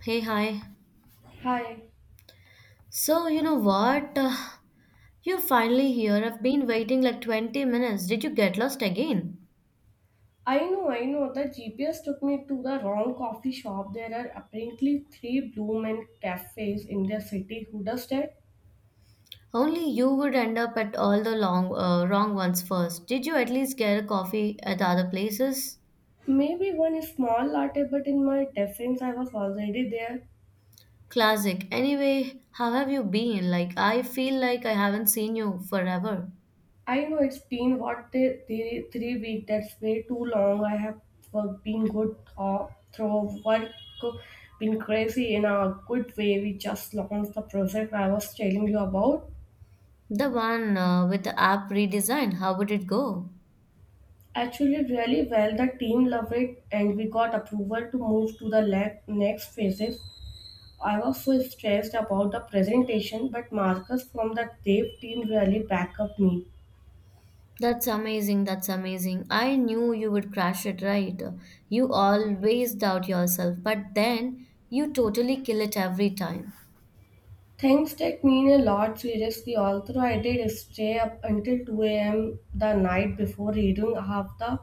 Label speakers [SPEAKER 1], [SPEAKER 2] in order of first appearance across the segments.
[SPEAKER 1] Hey, hi.
[SPEAKER 2] Hi.
[SPEAKER 1] So, you know what? You're finally here. I've been waiting like 20 minutes. Did you get lost again?
[SPEAKER 2] I know. The GPS took me to the wrong coffee shop. There are apparently three Blue Man cafes in the city. Who does that?
[SPEAKER 1] Only you would end up at all the wrong ones first. Did you at least get a coffee at other places?
[SPEAKER 2] Maybe one is small latte, but in my defense, I was already there.
[SPEAKER 1] Classic. Anyway, how have you been? Like, I feel like I haven't seen you forever.
[SPEAKER 2] I know it's been what the 3 weeks. That's way too long. I have work, been good through work, been crazy in a good way. We just launched the project I was telling you about.
[SPEAKER 1] The one with the app redesign, how would it go?
[SPEAKER 2] Actually, really well. The team loved it, and we got approval to move to the next phases. I was so stressed about the presentation, but Marcus from the Dev team really backed up me.
[SPEAKER 1] That's amazing. That's amazing. I knew you would crash it, right? You always doubt yourself, but then you totally kill it every time.
[SPEAKER 2] Things take mean a lot seriously, although I did stay up until 2 a.m. the night before reading half the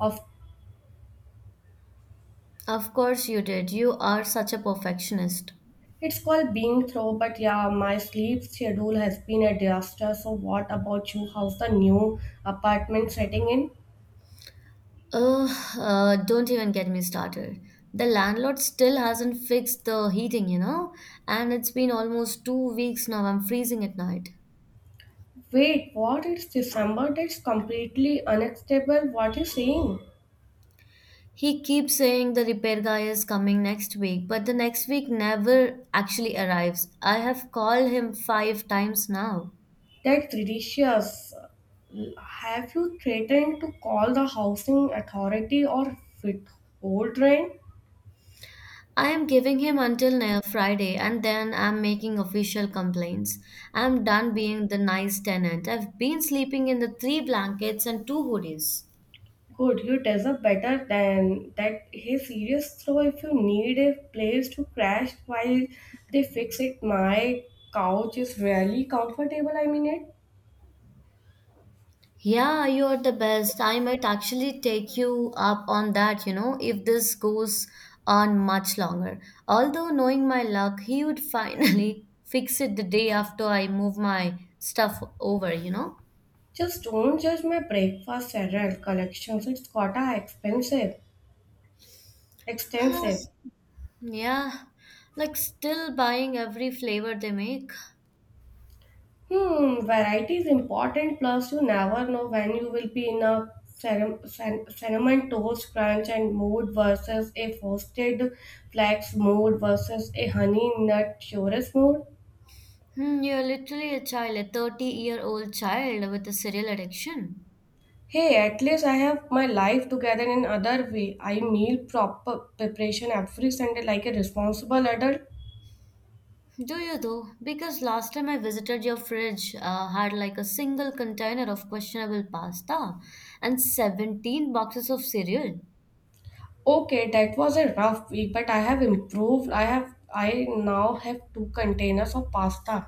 [SPEAKER 2] of
[SPEAKER 1] Of course you did. You are such a perfectionist.
[SPEAKER 2] it's called being through, but yeah, my sleep schedule has been a disaster. So what about you? How's the new apartment setting in?
[SPEAKER 1] Ugh, don't even get me started. The landlord still hasn't fixed the heating, you know, and it's been almost 2 weeks now. I'm freezing at night.
[SPEAKER 2] Wait, what? It's December? That's completely unacceptable. What are you saying?
[SPEAKER 1] He keeps saying the repair guy is coming next week, but the next week never actually arrives. I have called him 5 times now.
[SPEAKER 2] That's ridiculous. Have you threatened to call the housing authority or withhold rent?
[SPEAKER 1] I am giving him until next Friday and then I'm making official complaints. I'm done being the nice tenant. I've been sleeping in the 3 blankets and 2 hoodies.
[SPEAKER 2] Good, you deserve better than that. Hey, serious though, if you need a place to crash while they fix it, my couch is really comfortable. I mean it.
[SPEAKER 1] Yeah, you're the best. I might actually take you up on that, you know, if this goes on much longer. Although, knowing my luck, he would finally fix it the day after I move my stuff over.
[SPEAKER 2] Just don't judge my breakfast cereal collections. It's gotta expensive, extensive.
[SPEAKER 1] Yes. Yeah, like still buying every flavor they make.
[SPEAKER 2] Hmm, variety is important. Plus, you never know when you will be in a cinnamon toast crunch and mood versus a frosted flax mood versus a honey nut chorus mood.
[SPEAKER 1] Hmm, you're literally a child, a 30-year-old child with a cereal addiction.
[SPEAKER 2] Hey, at least I have my life together in other way. I meal proper preparation every Sunday like a responsible adult.
[SPEAKER 1] Do you though? Because last time I visited your fridge had like a single container of questionable pasta and 17 boxes of cereal.
[SPEAKER 2] Okay, that was a rough week, but I have improved. I now have two containers of pasta.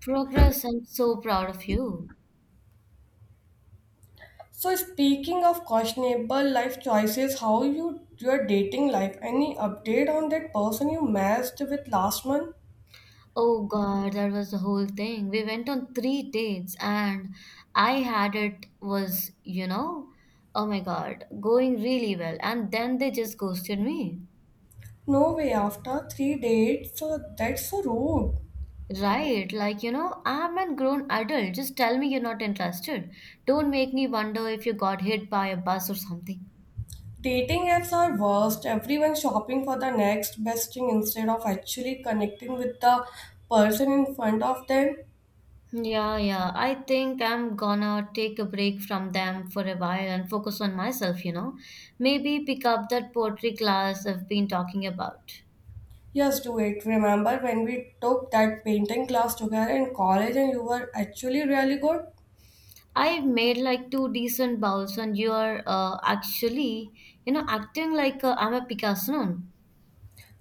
[SPEAKER 1] Progress, I'm so proud of you.
[SPEAKER 2] So speaking of questionable life choices, how you your dating life? Any update on that person you matched with last month?
[SPEAKER 1] Oh God, that was the whole thing. We went on three dates and I had it was, you know, oh my God, going really well. And then they just ghosted me.
[SPEAKER 2] No way. After three dates, so that's so rude.
[SPEAKER 1] Right, I'm a grown adult. Just tell me you're not interested. Don't make me wonder if you got hit by a bus or something.
[SPEAKER 2] Dating apps are worst. Everyone shopping for the next best thing instead of actually connecting with the person in front of them.
[SPEAKER 1] Yeah, yeah. I think I'm gonna take a break from them for a while and focus on myself. Maybe pick up that poetry class I've been talking about.
[SPEAKER 2] Yes, do it. Remember when we took that painting class together in college and you were actually really good?
[SPEAKER 1] I've made like two decent bowls and you're acting like I'm a Picasso.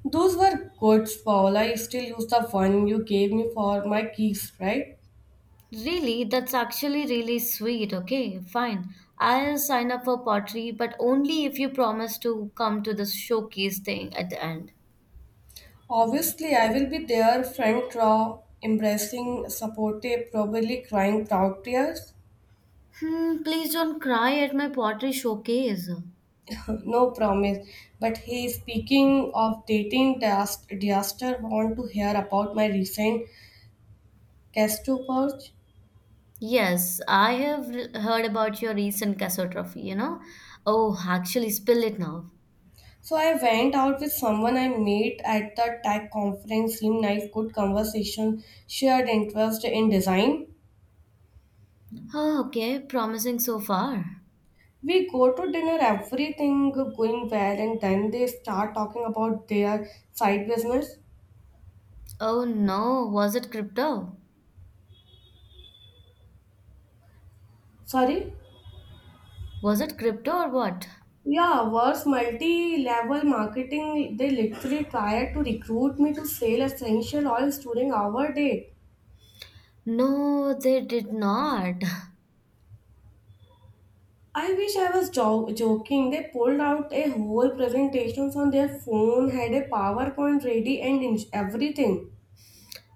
[SPEAKER 2] Those were good, Paul. I still use the one you gave me for my keys, right?
[SPEAKER 1] Really, that's actually really sweet. Okay, fine. I'll sign up for pottery, but only if you promise to come to the showcase thing at the end.
[SPEAKER 2] Obviously, I will be there, front row, embracing, supportive, probably crying proud tears.
[SPEAKER 1] Hmm, please don't cry at my pottery showcase.
[SPEAKER 2] No promise. But hey, speaking of dating disaster, want to hear about my recent Castro purge?
[SPEAKER 1] Yes, I have heard about your recent Casso trophy? Oh, actually, spill it now.
[SPEAKER 2] So I went out with someone I met at the tech conference. Seemed nice, good conversation, shared interest in design.
[SPEAKER 1] Oh, okay, promising so far.
[SPEAKER 2] We go to dinner, everything going well, and then they start talking about their side business.
[SPEAKER 1] Oh no, was it crypto?
[SPEAKER 2] Sorry?
[SPEAKER 1] Was it crypto or what?
[SPEAKER 2] Yeah, worse multi-level marketing. They literally tried to recruit me to sell essential oils during our date.
[SPEAKER 1] No, they did not.
[SPEAKER 2] I wish I was joking. They pulled out a whole presentation on their phone, had a PowerPoint ready, and everything.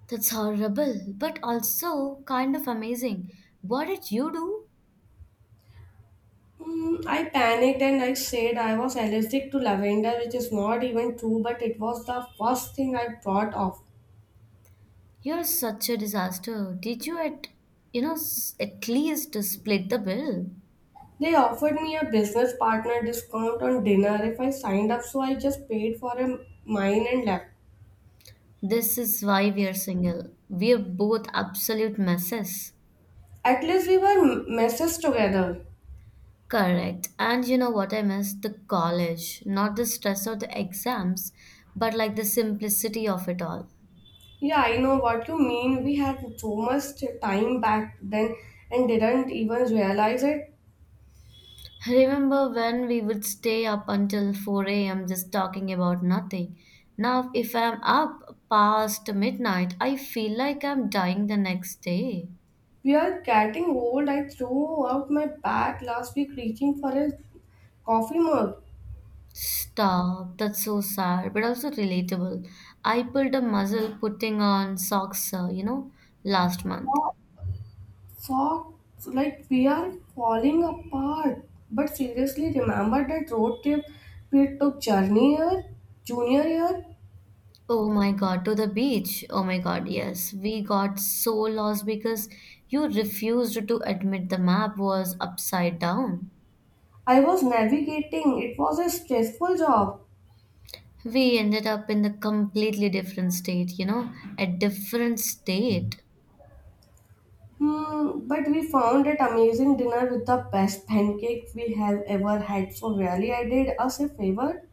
[SPEAKER 1] That's horrible, but also kind of amazing. What did you do?
[SPEAKER 2] I panicked and I said I was allergic to lavender, which is not even true, but it was the first thing I thought of.
[SPEAKER 1] You're such a disaster. Did you at you know s- at least split the bill?
[SPEAKER 2] They offered me a business partner discount on dinner if I signed up, so I just paid for a mine and left.
[SPEAKER 1] This is why we are single. We are both absolute messes.
[SPEAKER 2] At least we were messes together.
[SPEAKER 1] Correct. And you know what I miss? The college. Not the stress of the exams, but like the simplicity of it all.
[SPEAKER 2] Yeah, I know what you mean. We had so much time back then and didn't even realize it.
[SPEAKER 1] Remember when we would stay up until 4 a.m. just talking about nothing? Now, if I'm up past midnight, I feel like I'm dying the next day.
[SPEAKER 2] We are getting old. I threw out my bag last week reaching for a coffee mug.
[SPEAKER 1] Stop, that's so sad, but also relatable. I pulled a muscle putting on socks last month.
[SPEAKER 2] Folks, like we are falling apart. But seriously, remember that road trip we took junior year?
[SPEAKER 1] Oh my god, to the beach. Oh my god, yes. We got so lost because you refused to admit the map was upside down.
[SPEAKER 2] I was navigating. It was a stressful job.
[SPEAKER 1] We ended up in a completely different state. A different state.
[SPEAKER 2] Hmm, but we found that amazing dinner with the best pancake we have ever had. So really, I did us a favor.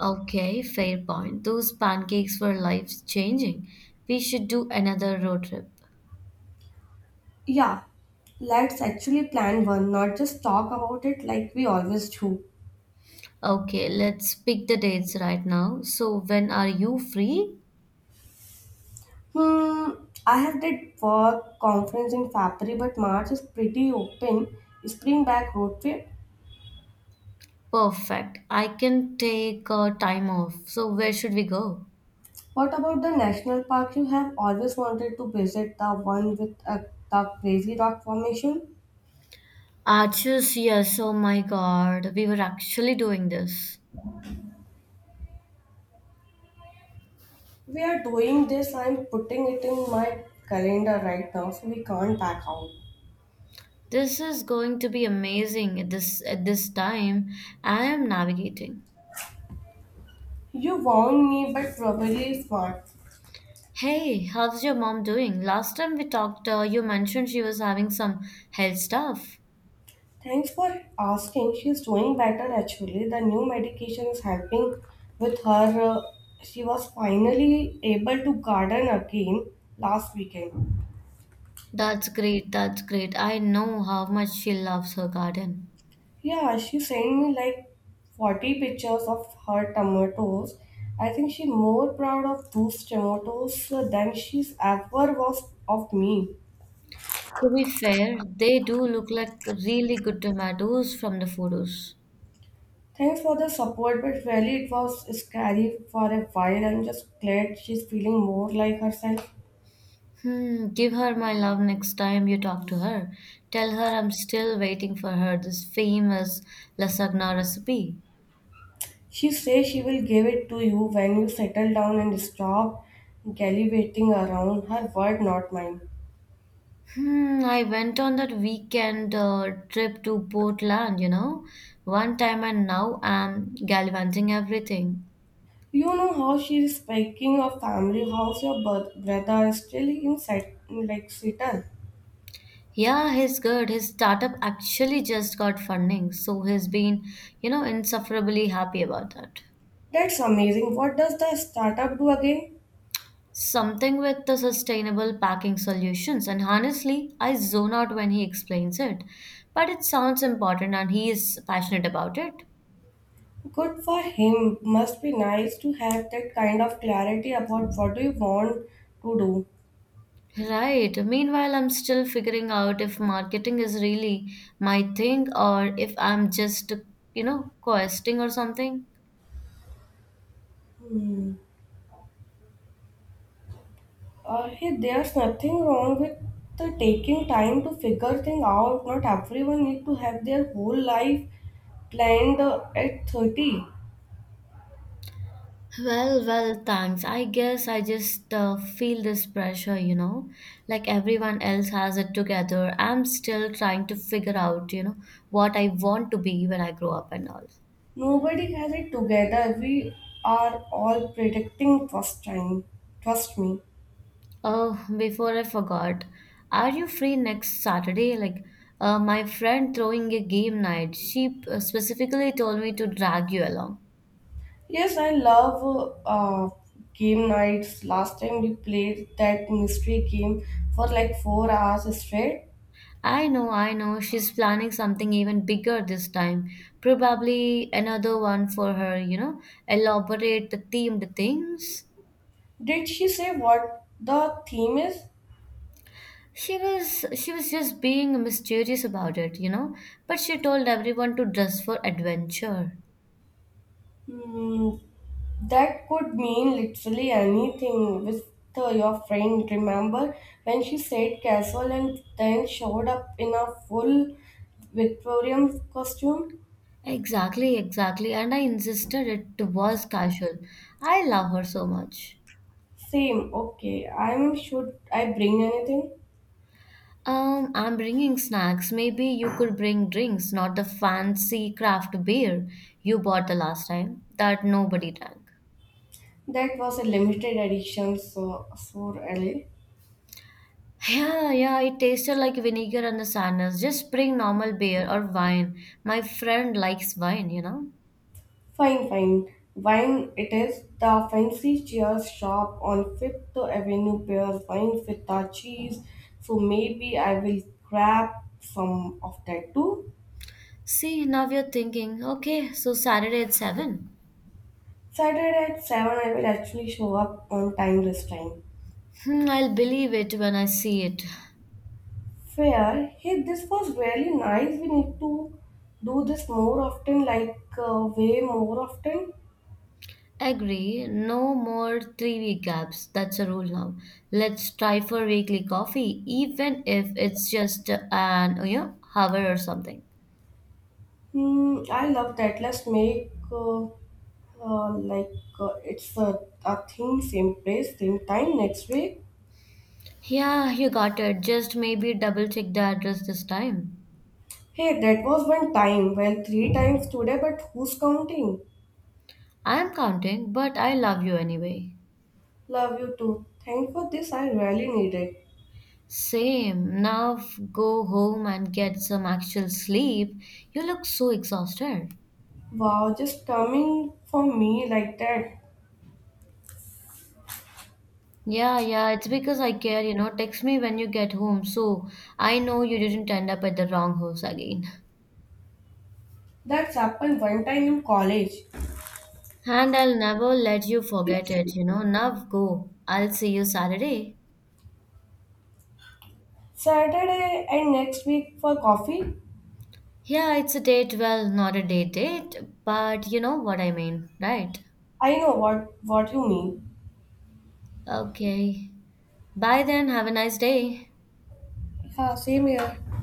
[SPEAKER 1] Okay, fair point, those pancakes were life changing. We should do another road trip.
[SPEAKER 2] Yeah, let's actually plan one, not just talk about it like we always do.
[SPEAKER 1] Okay, let's pick the dates right now. So when are you free?
[SPEAKER 2] Hmm, I have did work conference in February, but March is pretty open. Spring back road trip.
[SPEAKER 1] Perfect. I can take time off. So where should we go?
[SPEAKER 2] What about the national park you have always wanted to visit? The one with the crazy rock formation.
[SPEAKER 1] Arches, yes, oh my God, we were actually doing this.
[SPEAKER 2] We are doing this. I'm putting it in my calendar right now, so we can't back out.
[SPEAKER 1] This is going to be amazing at this time. I am navigating.
[SPEAKER 2] You warned me, but probably smart.
[SPEAKER 1] Hey, how's your mom doing? Last time we talked, you mentioned she was having some health stuff.
[SPEAKER 2] Thanks for asking. She's doing better actually. The new medication is helping with her. She was finally able to garden again last weekend.
[SPEAKER 1] That's great, that's great. I know how much she loves her garden.
[SPEAKER 2] Yeah, she sent me like 40 pictures of her tomatoes. I think she's more proud of those tomatoes than she's ever was of me.
[SPEAKER 1] To be fair, they do look like really good tomatoes from the photos.
[SPEAKER 2] Thanks for the support, but really it was scary for a while. I'm just glad she's feeling more like herself.
[SPEAKER 1] Hmm, give her my love next time you talk to her. Tell her I'm still waiting for her this famous lasagna recipe.
[SPEAKER 2] She says she will give it to you when you settle down and stop gallivanting around. Her word, not mine.
[SPEAKER 1] Hmm, I went on that weekend trip to Portland one time and now I'm galvanizing everything.
[SPEAKER 2] You know how she is speaking of family. How's your brother is still in set, like Seattle?
[SPEAKER 1] Yeah, he's good. His startup actually just got funding, so he's been, you know, insufferably happy about that.
[SPEAKER 2] That's amazing. What does the startup do again?
[SPEAKER 1] Something with the sustainable packing solutions, and honestly, I zone out when he explains it. But it sounds important and he is passionate about it.
[SPEAKER 2] Good for him. Must be nice to have that kind of clarity about what do you want to
[SPEAKER 1] Right. Meanwhile, I'm still figuring out if marketing is really my thing or if I'm just questing or something.
[SPEAKER 2] do. Hey, there's nothing wrong with the taking time to figure things out. Not everyone need to have their whole life planned at 30.
[SPEAKER 1] Well, thanks. I guess I just feel this pressure, you know, like everyone else has it together. I'm still trying to figure out, you know, what I want to be when I grow up and all.
[SPEAKER 2] Nobody has it together. We are all predicting first time. Trust me.
[SPEAKER 1] Oh, before I forgot, are you free next Saturday? My friend throwing a game night. She specifically told me to drag you along.
[SPEAKER 2] Yes, I love game nights. Last time we played that mystery game for like 4 hours straight.
[SPEAKER 1] I know, I know. She's planning something even bigger this time. Probably another one for her, you know, elaborate the themed things.
[SPEAKER 2] Did she say what the theme is?
[SPEAKER 1] She was just being mysterious about it, you know, but she told everyone to dress for adventure.
[SPEAKER 2] Hmm, that could mean literally anything with your friend. Remember when she said casual and then showed up in a full Victorian costume?
[SPEAKER 1] Exactly, exactly. And I insisted it was casual. I love her so much.
[SPEAKER 2] Same, okay. I'm should I bring anything?
[SPEAKER 1] I'm bringing snacks. Maybe you could bring drinks, not the fancy craft beer you bought the last time that nobody drank.
[SPEAKER 2] That was a limited edition, so really.
[SPEAKER 1] Yeah, yeah, it tasted like vinegar and the sadness. Just bring normal beer or wine. My friend likes wine, you know.
[SPEAKER 2] Fine, fine. Wine it is. The fancy cheers shop on Fifth Avenue pairs wine with the cheese, so maybe I will grab some of that too.
[SPEAKER 1] See, now you're thinking, okay, so Saturday at 7.
[SPEAKER 2] Saturday at 7, I will actually show up on time this time.
[SPEAKER 1] Hmm, I'll believe it when I see it.
[SPEAKER 2] Fair. Hey, this was really nice. We need to do this more often, like way more often.
[SPEAKER 1] Agree, no more 3 week gaps. That's a rule now. Let's try for weekly coffee, even if it's just an hour or something.
[SPEAKER 2] Hmm, I love that. Let's make like it's a thing, same place, same time next week.
[SPEAKER 1] Yeah, you got it. Just maybe double check the address this time.
[SPEAKER 2] Hey, that was one time. Well, three times today, but who's counting?
[SPEAKER 1] I'm counting, but I love you anyway.
[SPEAKER 2] Love you too. Thank for this. I really need it.
[SPEAKER 1] Same. Now go home and get some actual sleep. You look so exhausted.
[SPEAKER 2] Wow, just coming for me like that.
[SPEAKER 1] Yeah, yeah, it's because I care, you know. Text me when you get home so I know you didn't end up at the wrong house again.
[SPEAKER 2] That's happened one time in college.
[SPEAKER 1] And I'll never let you forget it, you know. Now go. I'll see you Saturday.
[SPEAKER 2] Saturday and next week for coffee.
[SPEAKER 1] Yeah, it's a date. Well, not a date date, but you know what I mean, right?
[SPEAKER 2] I know what you mean.
[SPEAKER 1] Okay. Bye then. Have a nice day.
[SPEAKER 2] Yeah, same here.